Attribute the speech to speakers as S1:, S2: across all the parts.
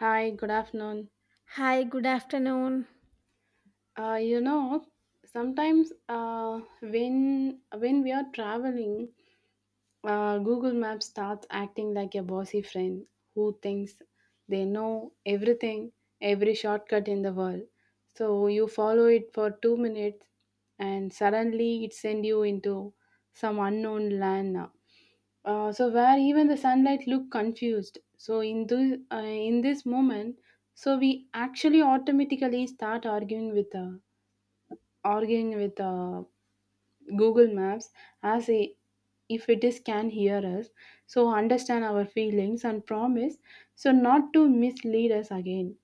S1: Hi, good afternoon.
S2: Hi, good afternoon.
S1: Uh, you know, Sometimes when we are traveling, Google Maps starts acting like a bossy friend who thinks they know everything, every shortcut in the world. So you follow it for 2 minutes, and suddenly it sends you into some unknown land. So where even the sunlight look confused. So in this moment, so we actually automatically start arguing with google maps as a, if it is can hear us, so understand our feelings and promise so not to mislead us again.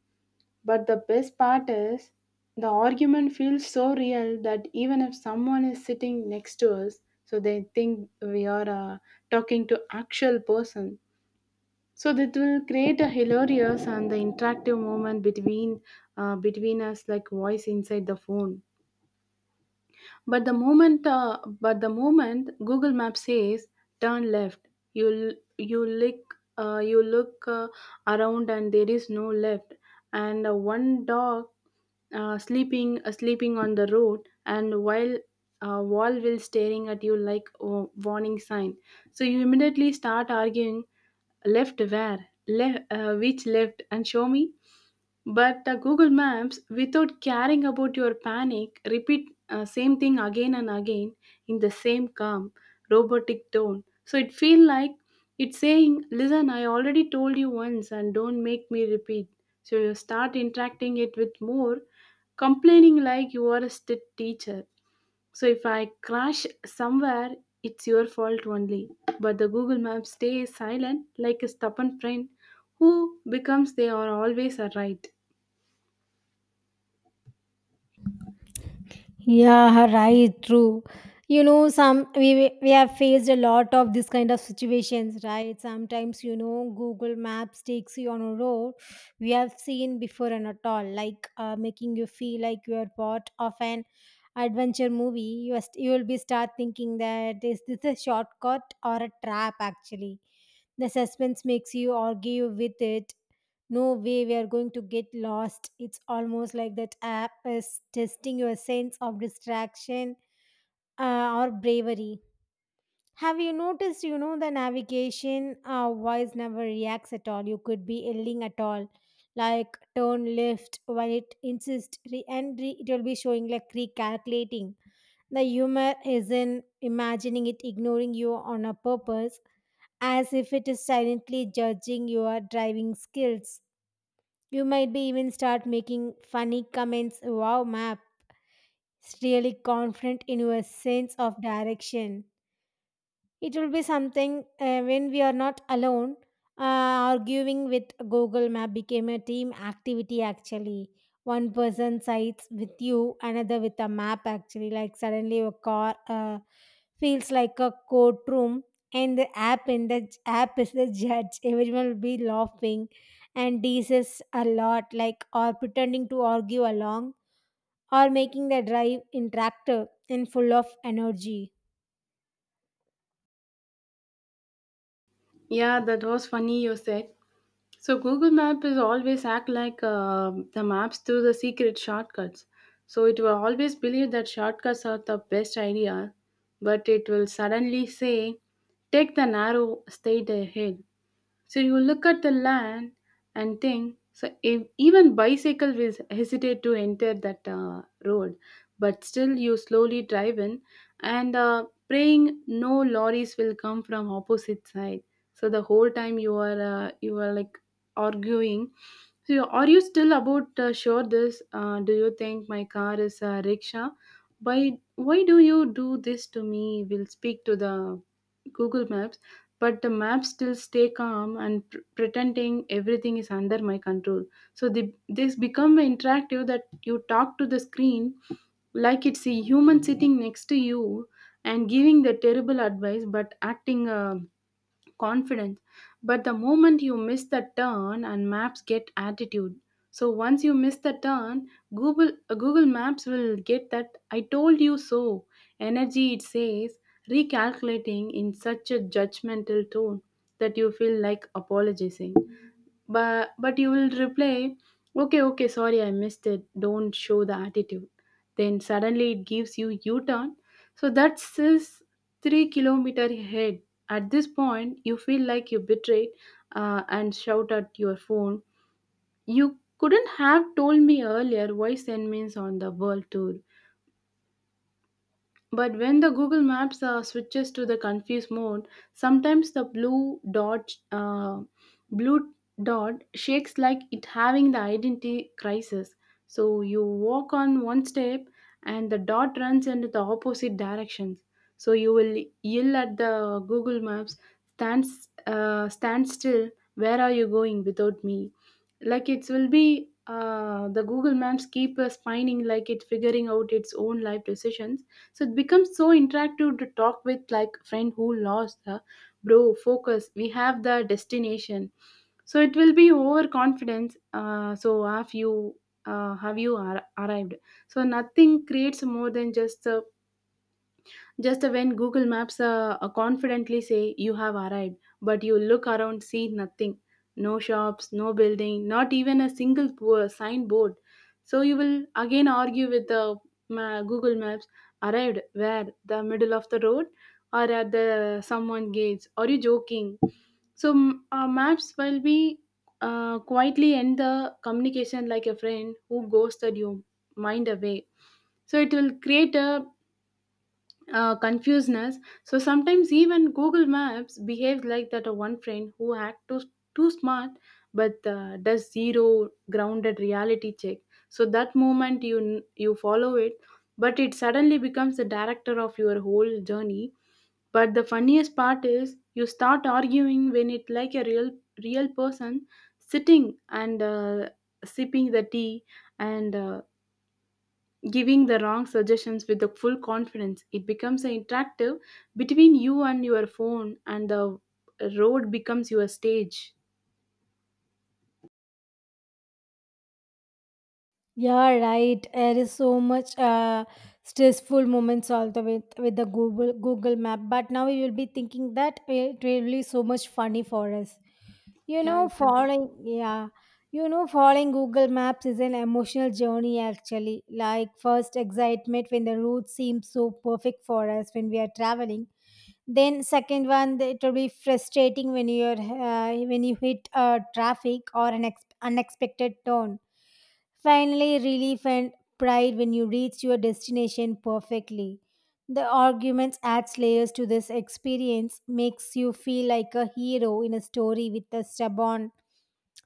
S1: But the best part is, the argument feels so real that even if someone is sitting next to us, so they think we are talking to actual person. So that will create a hilarious and the interactive moment between between us, like voice inside the phone. But the moment Google Maps says turn left, you look uh, you look uh, around and there is no left, and one dog sleeping on the road, and while wall will staring at you like a warning sign. So you immediately start arguing, left where, left which left and show me, but google maps without caring about your panic repeat same thing again and again in the same calm robotic tone, so it feel like it's saying, listen, I already told you once and don't make me repeat. So you start interacting it with more complaining like you are a strict teacher, so if I crash somewhere it's your fault only. But the google Maps stays silent like a stubborn friend who becomes they are always a right.
S2: Yeah, right, true. You know, some we have faced a lot of this kind of situations, right? Sometimes, you know, Google Maps takes you on a road we have seen before and at all, like making you feel like you are part of an adventure movie. You will be start thinking that is this a shortcut or a trap? Actually, the suspense makes you argue with it. No way we are going to get lost. It's almost like that app is testing your sense of distraction or bravery. Have you noticed, you know, the navigation voice never reacts at all? You could be yelling at all like turn left, while it insists it will be showing like recalculating. The humor is in imagining it ignoring you on a purpose, as if it is silently judging your driving skills. You might be even start making funny comments. Wow, map. It's really confident in your sense of direction. It will be something when we are not alone. Arguing with Google Map became a team activity actually. One person sides with you, another with a map actually. Like suddenly your car feels like a courtroom, and the app is the judge. Everyone will be laughing and teases a lot, like or pretending to argue along, or making the drive interactive and full of energy.
S1: Yeah, that was funny you said. So Google Map is always act like the maps to the secret shortcuts. So it will always believe that shortcuts are the best idea, but it will suddenly say, "Take the narrow, straight ahead." So you look at the land and think, so if, even bicycle will hesitate to enter that road, but still you slowly drive in and praying no lorries will come from opposite side. So the whole time you are like arguing. So you- are you still about sure this? Do you think my car is a rickshaw? Why do you do this to me? Will speak to the Google Maps, but the maps still stay calm and pretending everything is under my control. So this become interactive that you talk to the screen like it's a human sitting next to you and giving the terrible advice but acting confidence. But the moment you miss the turn and maps get attitude. So once you miss the turn, Google Maps will get that I told you so energy, it says recalculating in such a judgmental tone that you feel like apologizing, but you will reply, okay, okay, sorry I missed it, don't show the attitude. Then suddenly it gives you u-turn, so that's this 3 kilometer ahead. At this point you feel like you betrayed and shout at your phone, you couldn't have told me earlier, why send me on the world tour? But when the Google Maps switches to the confused mode, sometimes the blue dot shakes like it having the identity crisis. So you walk on one step and the dot runs into the opposite directions. So you will yell at the Google Maps, stand, stand still, where are you going without me? Like it will be the Google Maps keep spinning like it figuring out its own life decisions, so it becomes so interactive to talk with like friend who lost the bro focus, we have the destination. So it will be overconfidence so have you arrived? So nothing creates more than just when Google Maps confidently say you have arrived, but you look around, see nothing. No shops, no building, not even a single signboard. So you will again argue with the Google Maps, arrived where? The middle of the road or at the someone gates? Are you joking? Maps will be quietly end the communication like a friend who ghosted you mind away, so it will create a confusedness. So sometimes even Google Maps behaves like that. One friend who act too smart, but does zero grounded reality check. So that moment you follow it, but it suddenly becomes the director of your whole journey. But the funniest part is you start arguing when it like a real person sitting and sipping the tea and giving the wrong suggestions with the full confidence. It becomes an interactive between you and your phone, and the road becomes your stage.
S2: Yeah, right. There is so much stressful moments also with with the Google Map. But now we will be thinking that it really so much funny for us. You
S1: Yeah,
S2: know,
S1: exactly.
S2: following, yeah, you know, following Google Maps is an emotional journey actually. Like first excitement when the route seems so perfect for us when we are traveling. Then second one, it will be frustrating when you're when you hit traffic or an unexpected turn. Finally, relief and pride when you reach your destination perfectly. The arguments adds layers to this experience, makes you feel like a hero in a story with a stubborn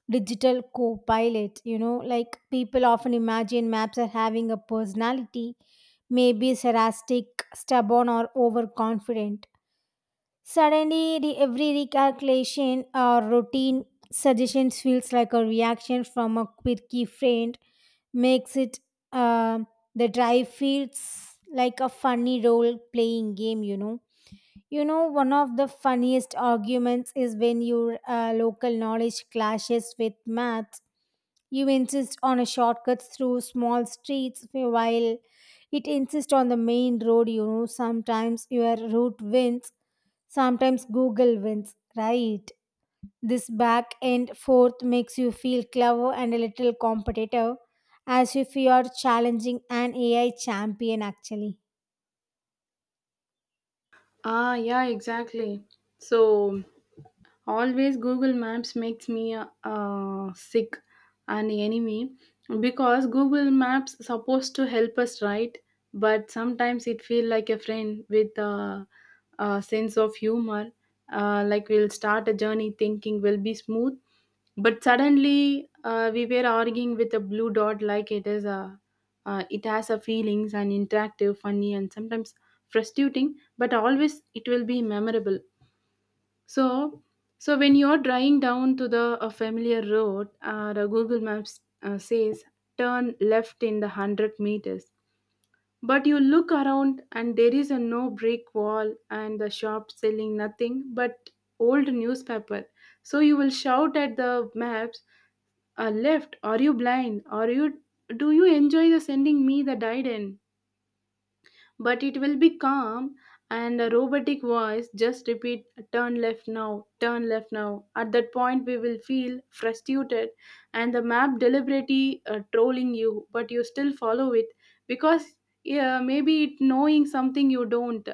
S2: digital co-pilot. You know, like people often imagine maps are having a personality, maybe sarcastic, stubborn, or overconfident. Suddenly, the every recalculation or routine suggestions feels like a reaction from a quirky friend, makes it um the drive feels like a funny role playing game. You know one of the funniest arguments is when your local knowledge clashes with math. You insist on a shortcut through small streets while it insists on the main road. You know, sometimes your route wins. Sometimes Google wins, right? This back and forth makes you feel clever and a little competitive, as if you are challenging an AI champion actually.
S1: Ah, yeah, exactly. So, always Google Maps makes me sick and enemy, because Google Maps supposed to help us, right? But sometimes it feel like a friend with a sense of humor. Like we'll start a journey thinking will be smooth, but suddenly we were arguing with a blue dot like it has a feelings and interactive, funny, and sometimes frustrating, but always it will be memorable. So so when you're driving down to the a familiar road, the google maps says turn left in the 100 meters, but you look around and there is a no brick wall and the shop selling nothing but old newspaper. So you will shout at the maps, left, are you blind, are you, do you enjoy the sending me the died in? But it will be calm and a robotic voice just repeat, turn left now, turn left now. At that point we will feel frustrated and the map deliberately trolling you, but you still follow it because yeah, maybe it knowing something you don't.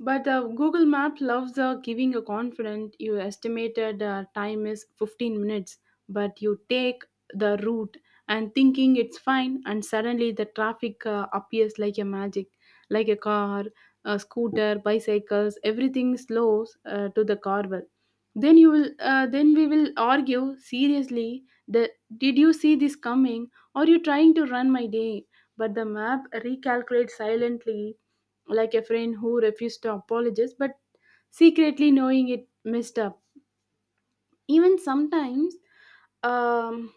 S1: But Google Map loves giving a confident, you estimated time is 15 minutes, but you take the route and thinking it's fine, and suddenly the traffic appears like a magic, like a car, a scooter, bicycles, everything slows to the carvel. Then we will argue seriously, that did you see this coming? Or you trying to run my day? But the map recalculates silently like a friend who refused to apologize but secretly knowing it messed up. Even sometimes, um,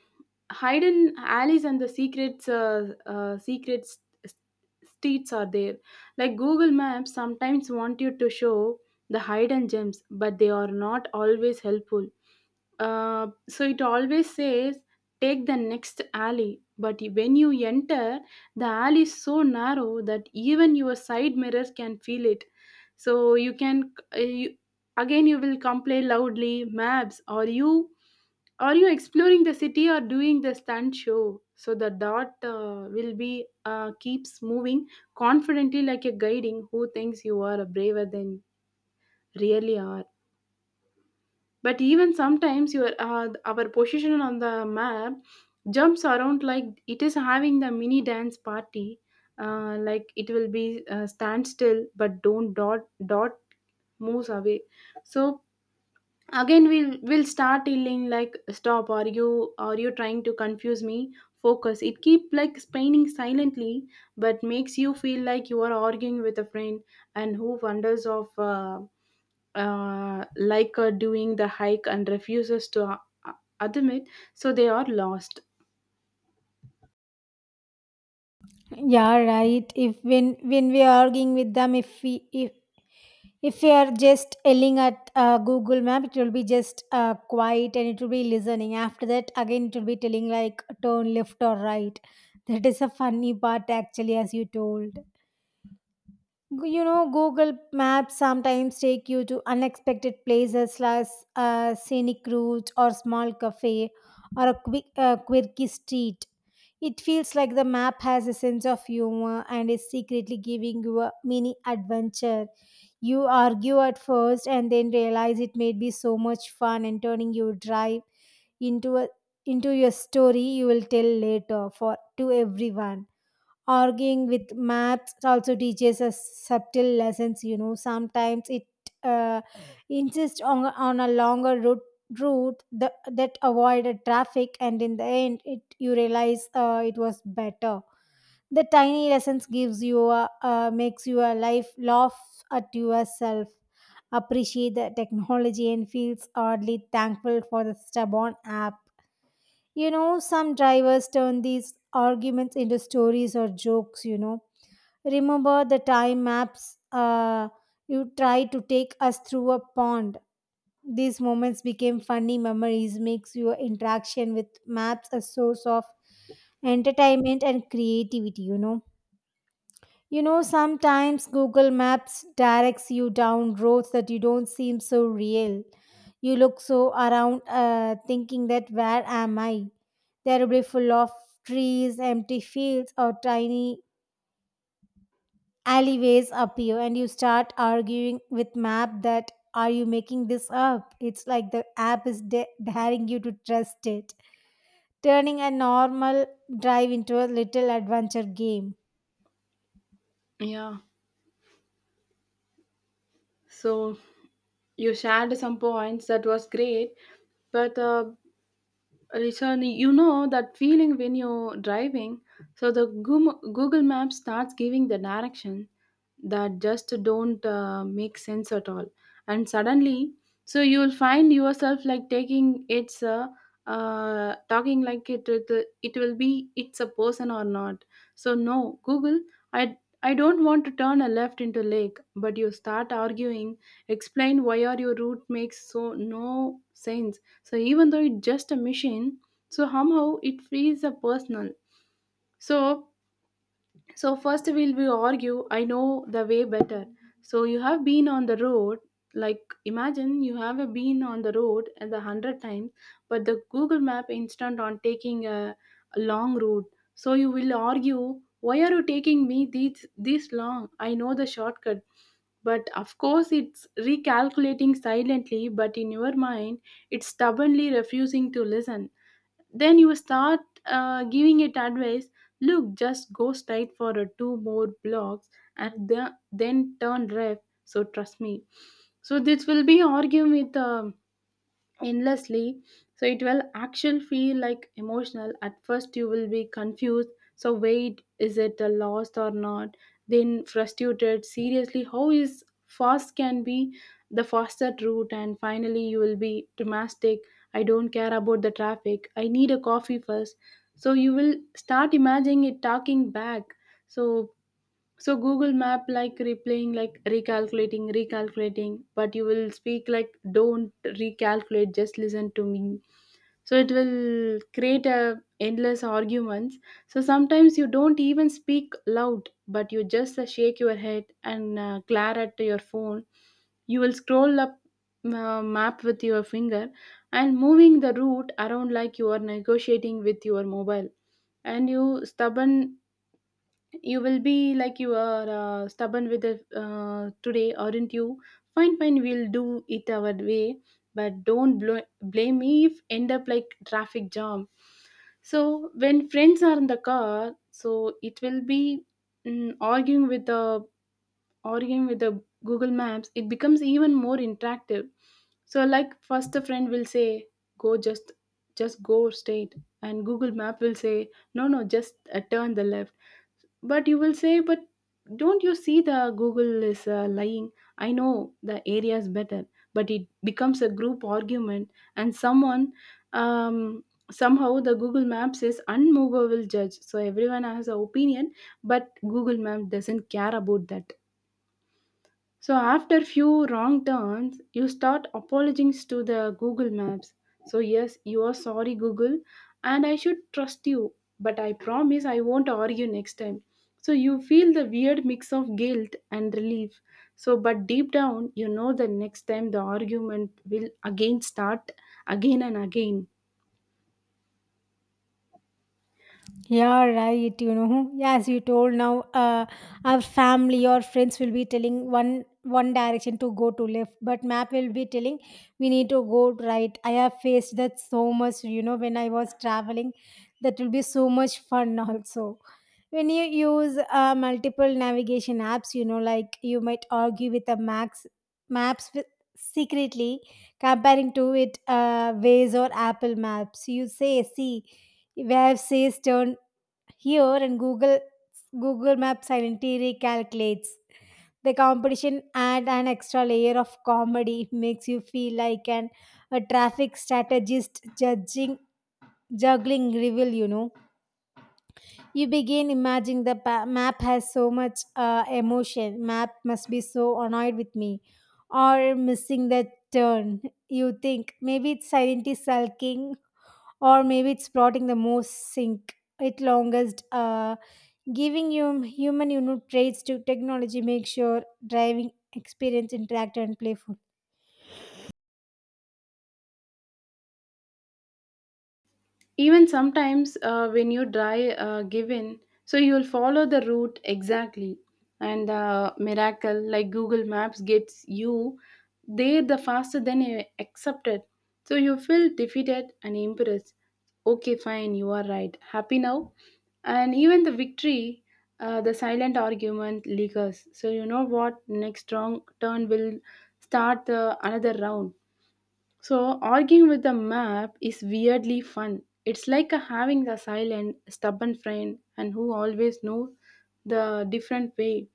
S1: hidden alleys and the secrets, secret s- streets are there. Like Google Maps sometimes want you to show the hidden gems, but they are not always helpful. So it always says take the next alley, but when you enter, the alley is so narrow that even your side mirror can feel it. So again you will complain loudly, maps, are you exploring the city or doing the stunt show? So the dot will be keeps moving confidently like a guiding who thinks you are braver than really are. But even sometimes your our position on the map jumps around like it is having the mini dance party. Like it will be stand still but don't dot moves away. So again we'll start yelling like stop, are you trying to confuse me, focus. It keep like spinning silently, but makes you feel like you are arguing with a friend and who wonders of uh, like doing the hike and refuses to uh, admit so they are lost.
S2: Yeah, right. If when we are arguing with them, if we are just yelling at Google Map, it will be just quiet and it will be listening. After that, again it will be telling like turn left or right. That is a funny part actually, as you told. You know, Google Maps sometimes take you to unexpected places like a scenic route or small cafe or a quick, quirky street. It feels like the map has a sense of humor and is secretly giving you a mini adventure. You argue at first and then realize it may be so much fun and turning your drive into a into your story you will tell later for to everyone. Arguing with maths also teaches us subtle lessons. You know, sometimes it uh, insists on a longer route that, that avoided traffic, and in the end it you realize it was better. The tiny lessons gives you a, makes your life laugh at yourself, appreciate the technology and feels oddly thankful for the stubborn app. You know, some drivers turn these arguments into stories or jokes, you know. Remember the time maps, you try to take us through a pond. These moments became funny memories, makes your interaction with maps a source of entertainment and creativity, you know. You know, sometimes Google Maps directs you down roads that you don't seem so real. You look so around thinking that where am I? They are beautiful of trees, empty fields, or tiny alleyways appear, and you start arguing with map that are you making this up? It's like the app is daring you to trust it, turning a normal drive into a little adventure game.
S1: Yeah. So you shared some points that was great, but listen, you know that feeling when you're driving, so the Google Maps starts giving the direction that just don't make sense at all, and suddenly, so you'll find yourself like taking it's talking like it will be it's a person or not. So no, Google, I don't want to turn a left into lake, but you start arguing, explain why are your route makes so no sense. So even though it's just a machine, so somehow it feels a personal. So so first we argue, I know the way better. So you have been on the road, like imagine you have been on the road and the 100 times, but the Google Map instant on taking a long route. So you will argue, why are you taking me this long? I know the shortcut. But of course it's recalculating silently, but in your mind it's stubbornly refusing to listen. Then you start giving it advice. Look, just go straight for two more blocks and then turn left, so trust me. So this will be arguing with endlessly. So it will actually feel like emotional. At first you will be confused, so wait, is it a loss or not? Then frustrated, seriously how is fast can be the faster route, and finally you will be domestic. I don't care about the traffic, I need a coffee first. So you will start imagining it talking back. So so Google Map like replaying, like recalculating, recalculating, but you will speak like, don't recalculate, just listen to me. So it will create a endless arguments. So sometimes you don't even speak loud, but you just shake your head and glare at your phone. You will scroll up map with your finger and moving the route around like you are negotiating with your mobile. And you stubborn, you will be like, you are stubborn with it today, aren't you? Fine, fine, we'll do it our way, but don't blame me if end up like traffic jam. So when friends are in the car, so it will be mm, arguing with the arguing with the Google Maps. It becomes even more interactive. So like first a friend will say, "Go, just go straight," and Google Map will say, "No, no, just turn the left." But you will say, but don't you see the Google is lying? I know the area is better. But it becomes a group argument, and someone, um, somehow the Google Maps is unmovable judge, so everyone has an opinion, but Google Map doesn't care about that. So after few wrong turns, you start apologizing to the Google Maps. So yes, you are sorry, Google, and I should trust you, but I promise I won't argue next time. So you feel the weird mix of guilt and relief. So but deep down you know the next time the argument will again start again and again.
S2: Yeah, right. You know, as you told now, our family or friends will be telling one direction to go to left, but map will be telling we need to go right. I have faced that so much. You know, when I was traveling, that will be so much fun also. When you use multiple navigation apps, you know, like you might argue with the max maps with, secretly comparing to it Waze or Apple Maps. You say, see. Where says turn here in Google Maps silently recalculates. The competition add an extra layer of comedy. It makes you feel like an a traffic strategist judging juggling reveal. You know, you begin imagining the map has so much emotion. Map must be so annoyed with me, or missing the turn. You think maybe it's silently sulking, or maybe it's plotting the most sink. It longest. Giving human you know, traits to technology makes your driving experience interactive and playful.
S1: Even sometimes when you die, given, so you'll follow the route exactly. And miracle, like Google Maps gets you there the faster than you accepted. So you feel defeated and impressed. Okay, fine, you are right. Happy now? And even the victory, the silent argument lingers, so you know what next wrong turn will start the another round. So, arguing with the map is weirdly fun. It's like having the silent, stubborn friend and who always knows the different way.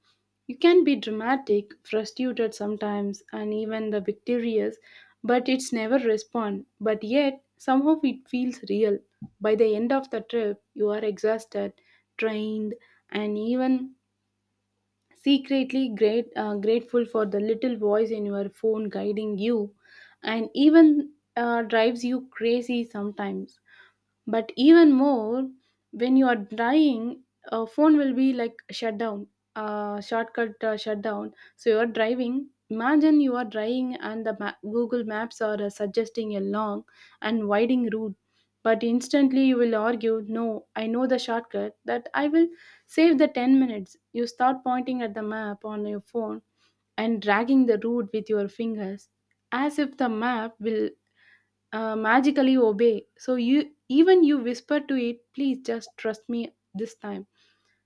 S1: You can be dramatic, frustrated sometimes, and even the victorious, but it's never respond. But yet, somehow it feels real. By the end of the trip, you are exhausted, drained, and even secretly great, grateful for the little voice in your phone guiding you, and even drives you crazy sometimes. But even more, when you are dying, a phone will be like shut down, shortcut shut down. So you are driving. Imagine you are driving and the Google Maps are suggesting a long and winding route. But instantly you will argue, no, I know the shortcut that I will save the 10 minutes. You start pointing at the map on your phone and dragging the route with your fingers as if the map will magically obey. So you even you whisper to it, please just trust me this time.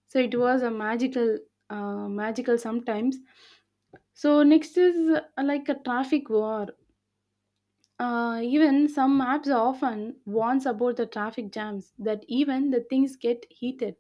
S1: So it was a magical magical sometimes. So next is like a traffic war. Even some maps often warns about the traffic jams, that even the things get heated.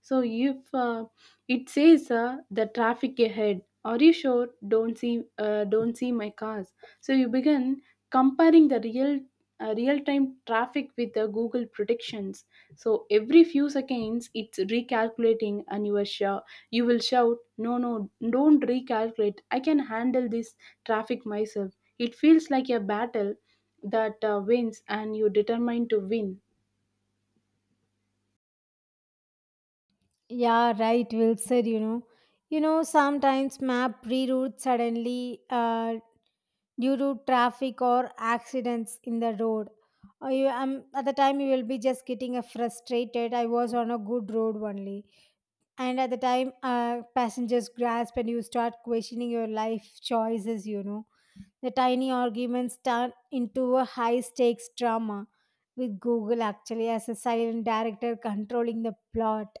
S1: So if it says the traffic ahead, are you sure? Don't see my cars. So you begin comparing the real real-time traffic with the Google predictions. So every few seconds, it's recalculating, and you are sure you will shout, "No, no, don't recalculate! I can handle this traffic myself." It feels like a battle that wins, and you determined to win.
S2: Yeah, right, Will said, you know. You know, sometimes map reroute suddenly due to traffic or accidents in the road. Or you, at the time, you will be just getting frustrated. I was on a good road only. And at the time, passengers grasp and you start questioning your life choices, you know. The tiny arguments turn into a high stakes drama with Google actually as a silent director controlling the plot.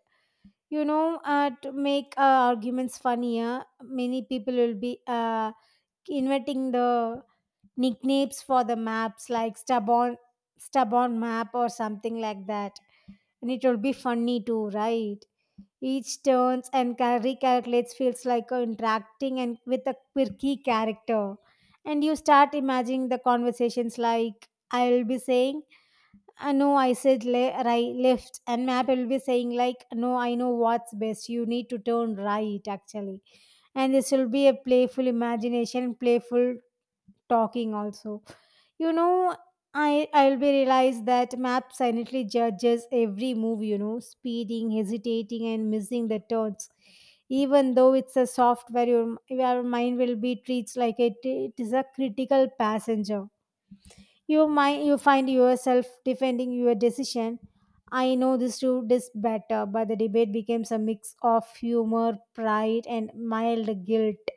S2: You know, to make arguments funnier, many people will be inventing the nicknames for the maps like stubborn map or something like that, and it will be funny too, right? Each turns and recalculates feels like interacting and with a quirky character, and you start imagining the conversations like I'll be saying I know I said right left, and map will be saying like no I know what's best, you need to turn right actually. And this will be a playful imagination, playful talking also, you know. I'll be realized that map silently judges every move, you know, speeding, hesitating and missing the turns. Even though it's a software, your mind will be treats like it is a critical passenger. You find yourself defending your decision, I know this route is better, but the debate becomes a mix of humor, pride and mild guilt.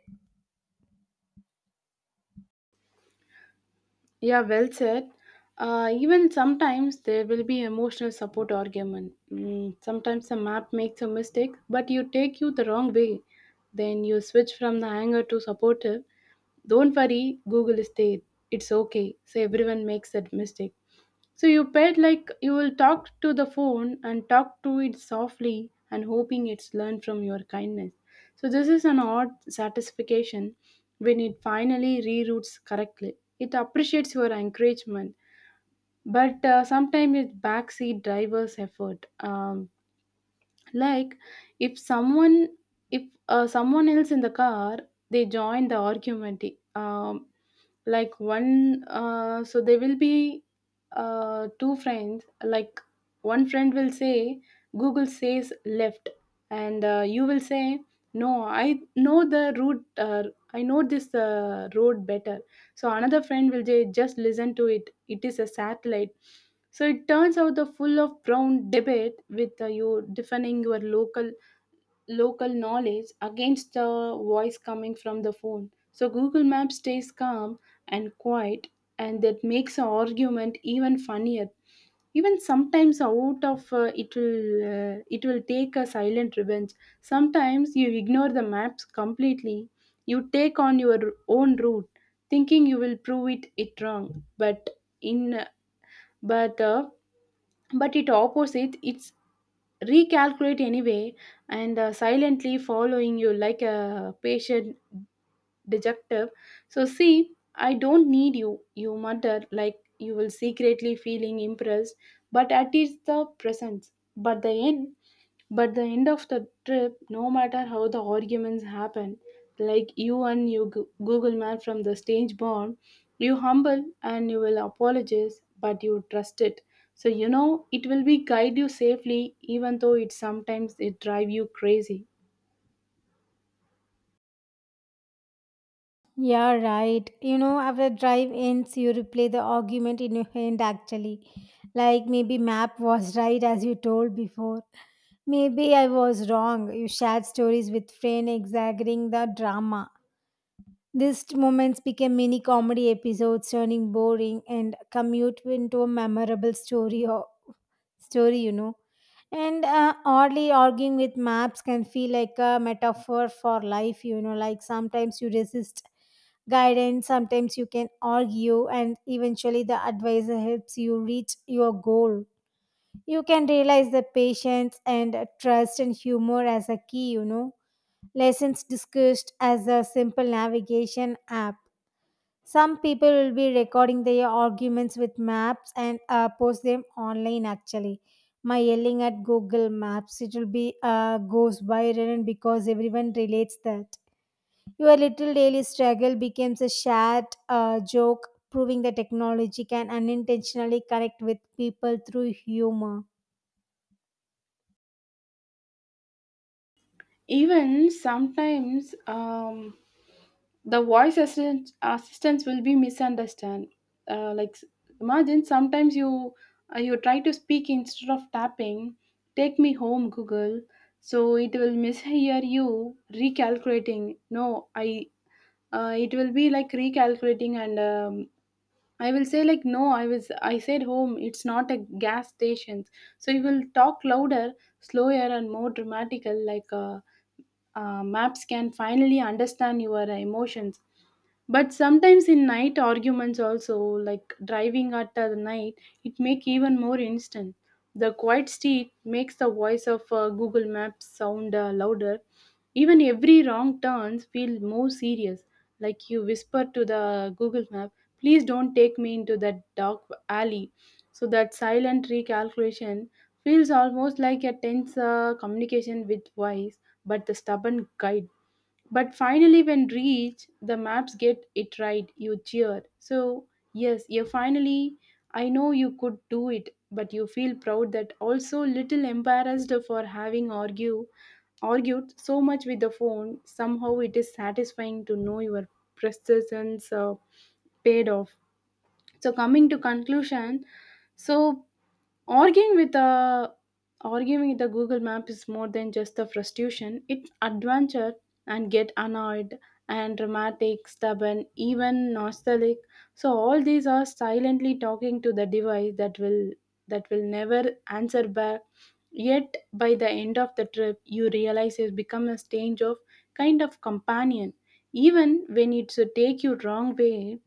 S1: Yeah, well said. Even sometimes there will be emotional support argument. Sometimes the map makes a mistake, but you take you the wrong way. Then you switch from the anger to supportive. Don't worry, Google is there. It's okay. So everyone makes that mistake. So you paid like you will talk to the phone and talk to it softly and hoping it's learned from your kindness. So this is an odd satisfaction when it finally reroutes correctly. It appreciates your encouragement, but sometimes it's backseat driver's effort. Like if someone if someone else in the car, they join the argument. Um, like one So there will be two friends. Like one friend will say, Google says left, and you will say, no, I know the route, I know this road better. So another friend will say, just listen to it, it is a satellite. So it turns out the full of brown debate with you defending your local knowledge against the voice coming from the phone. So Google Maps stays calm and quiet, and that makes the argument even funnier. Even sometimes out of it will take a silent revenge. Sometimes you ignore the maps completely. You take on your own route, thinking you will prove it wrong. But in but but it opposite. It's recalculate anyway, and silently following you like a patient dejective. So, see, I don't need you, you mutter, like you will secretly feeling impressed, but at is the presence. But the end of the trip, no matter how the arguments happen, like you and you Google man from the stage born, you humble and you will apologize, but you trust it. So you know it will be guide you safely, even though it sometimes it drive you crazy.
S2: Yeah, right. You know, after drive ends, you replay the argument in your hand actually. Like maybe map was right as you told before. Maybe I was wrong. You shared stories with friend exaggerating the drama. These moments became mini comedy episodes, turning boring and commute into a memorable story. Or story, you know. And oddly, arguing with maps can feel like a metaphor for life. You know, like sometimes you resist guidance, sometimes you can argue, and eventually the advisor helps you reach your goal. You can realize the patience and trust and humor as a key. You know, lessons discussed as a simple navigation app. Some people will be recording their arguments with maps and post them online actually. My yelling at Google Maps, it will be goes viral because everyone relates that. Your little daily struggle becomes a shared joke, proving that technology can unintentionally connect with people through humor.
S1: Even sometimes, the voice assistant assistants will be misunderstand, uh, like s- imagine sometimes you you try to speak instead of tapping, take me home Google. So it will mishear you, recalculating, no, I, it will be like recalculating, and I will say like, no, I was, I said home, it's not a gas station. So you will talk louder, slower and more dramatical like, maps can finally understand your emotions. But sometimes in night arguments also, like driving at the night, it make even more instant. The quiet street makes the voice of Google Maps sound louder. Even every wrong turns feel more serious. Like you whisper to the Google Map, please don't take me into that dark alley. So that silent recalculation feels almost like a tense communication with voice, but the stubborn guide. But finally, when reached, the maps get it right. You cheer. So, yes, you finally, I know you could do it, but you feel proud that also little embarrassed for having argued so much with the phone. Somehow it is satisfying to know your persistence paid off. So, coming to conclusion, so Arguing with a arguing with the Google Map is more than just the frustration. It's adventure and get annoyed and dramatic, stubborn, even nostalgic. So all these are silently talking to the device that will never answer back. Yet by the end of the trip, you realize it's become a strange of kind of companion. Even when it should take you wrong way,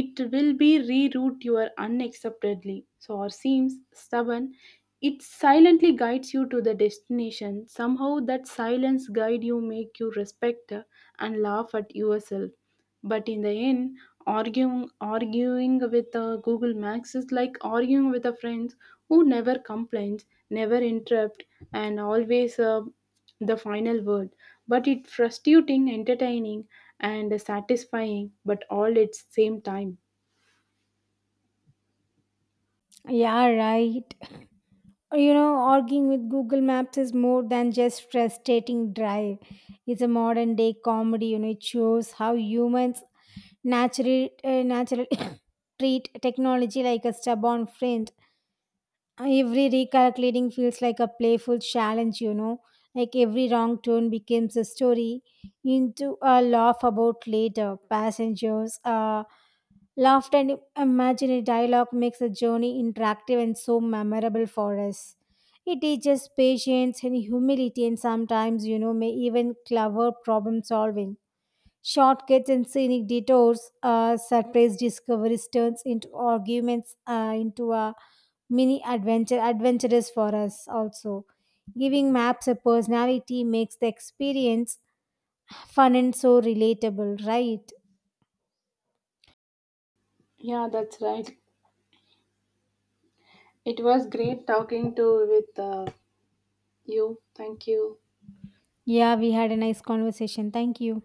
S1: it will be reroute your unacceptably. So or seems stubborn, it silently guides you to the destination. Somehow that silence guide you make you respect, and laugh at yourself. But in the end, arguing with Google Maps is like arguing with a friend who never complains, never interrupt, and always the final word. But it's frustrating, entertaining, and satisfying, but all at same time.
S2: Yeah, right. You know, arguing with Google Maps is more than just frustrating drive. It's a modern day comedy. You know, it shows how humans naturally treat technology like a stubborn friend. Every recalculating feels like a playful challenge, you know. Like every wrong turn becomes a story into a laugh about later. Passengers laughed and imaginary dialogue makes the journey interactive and so memorable for us. It teaches patience and humility, and sometimes, you know, may even clever problem solving. Shortcuts and scenic detours, surprise discoveries turns into arguments, into a adventurous for us also. Giving maps a personality makes the experience fun and so relatable, right?
S1: Yeah, that's right. It was great talking to with you. Thank you.
S2: Yeah, we had a nice conversation. Thank you.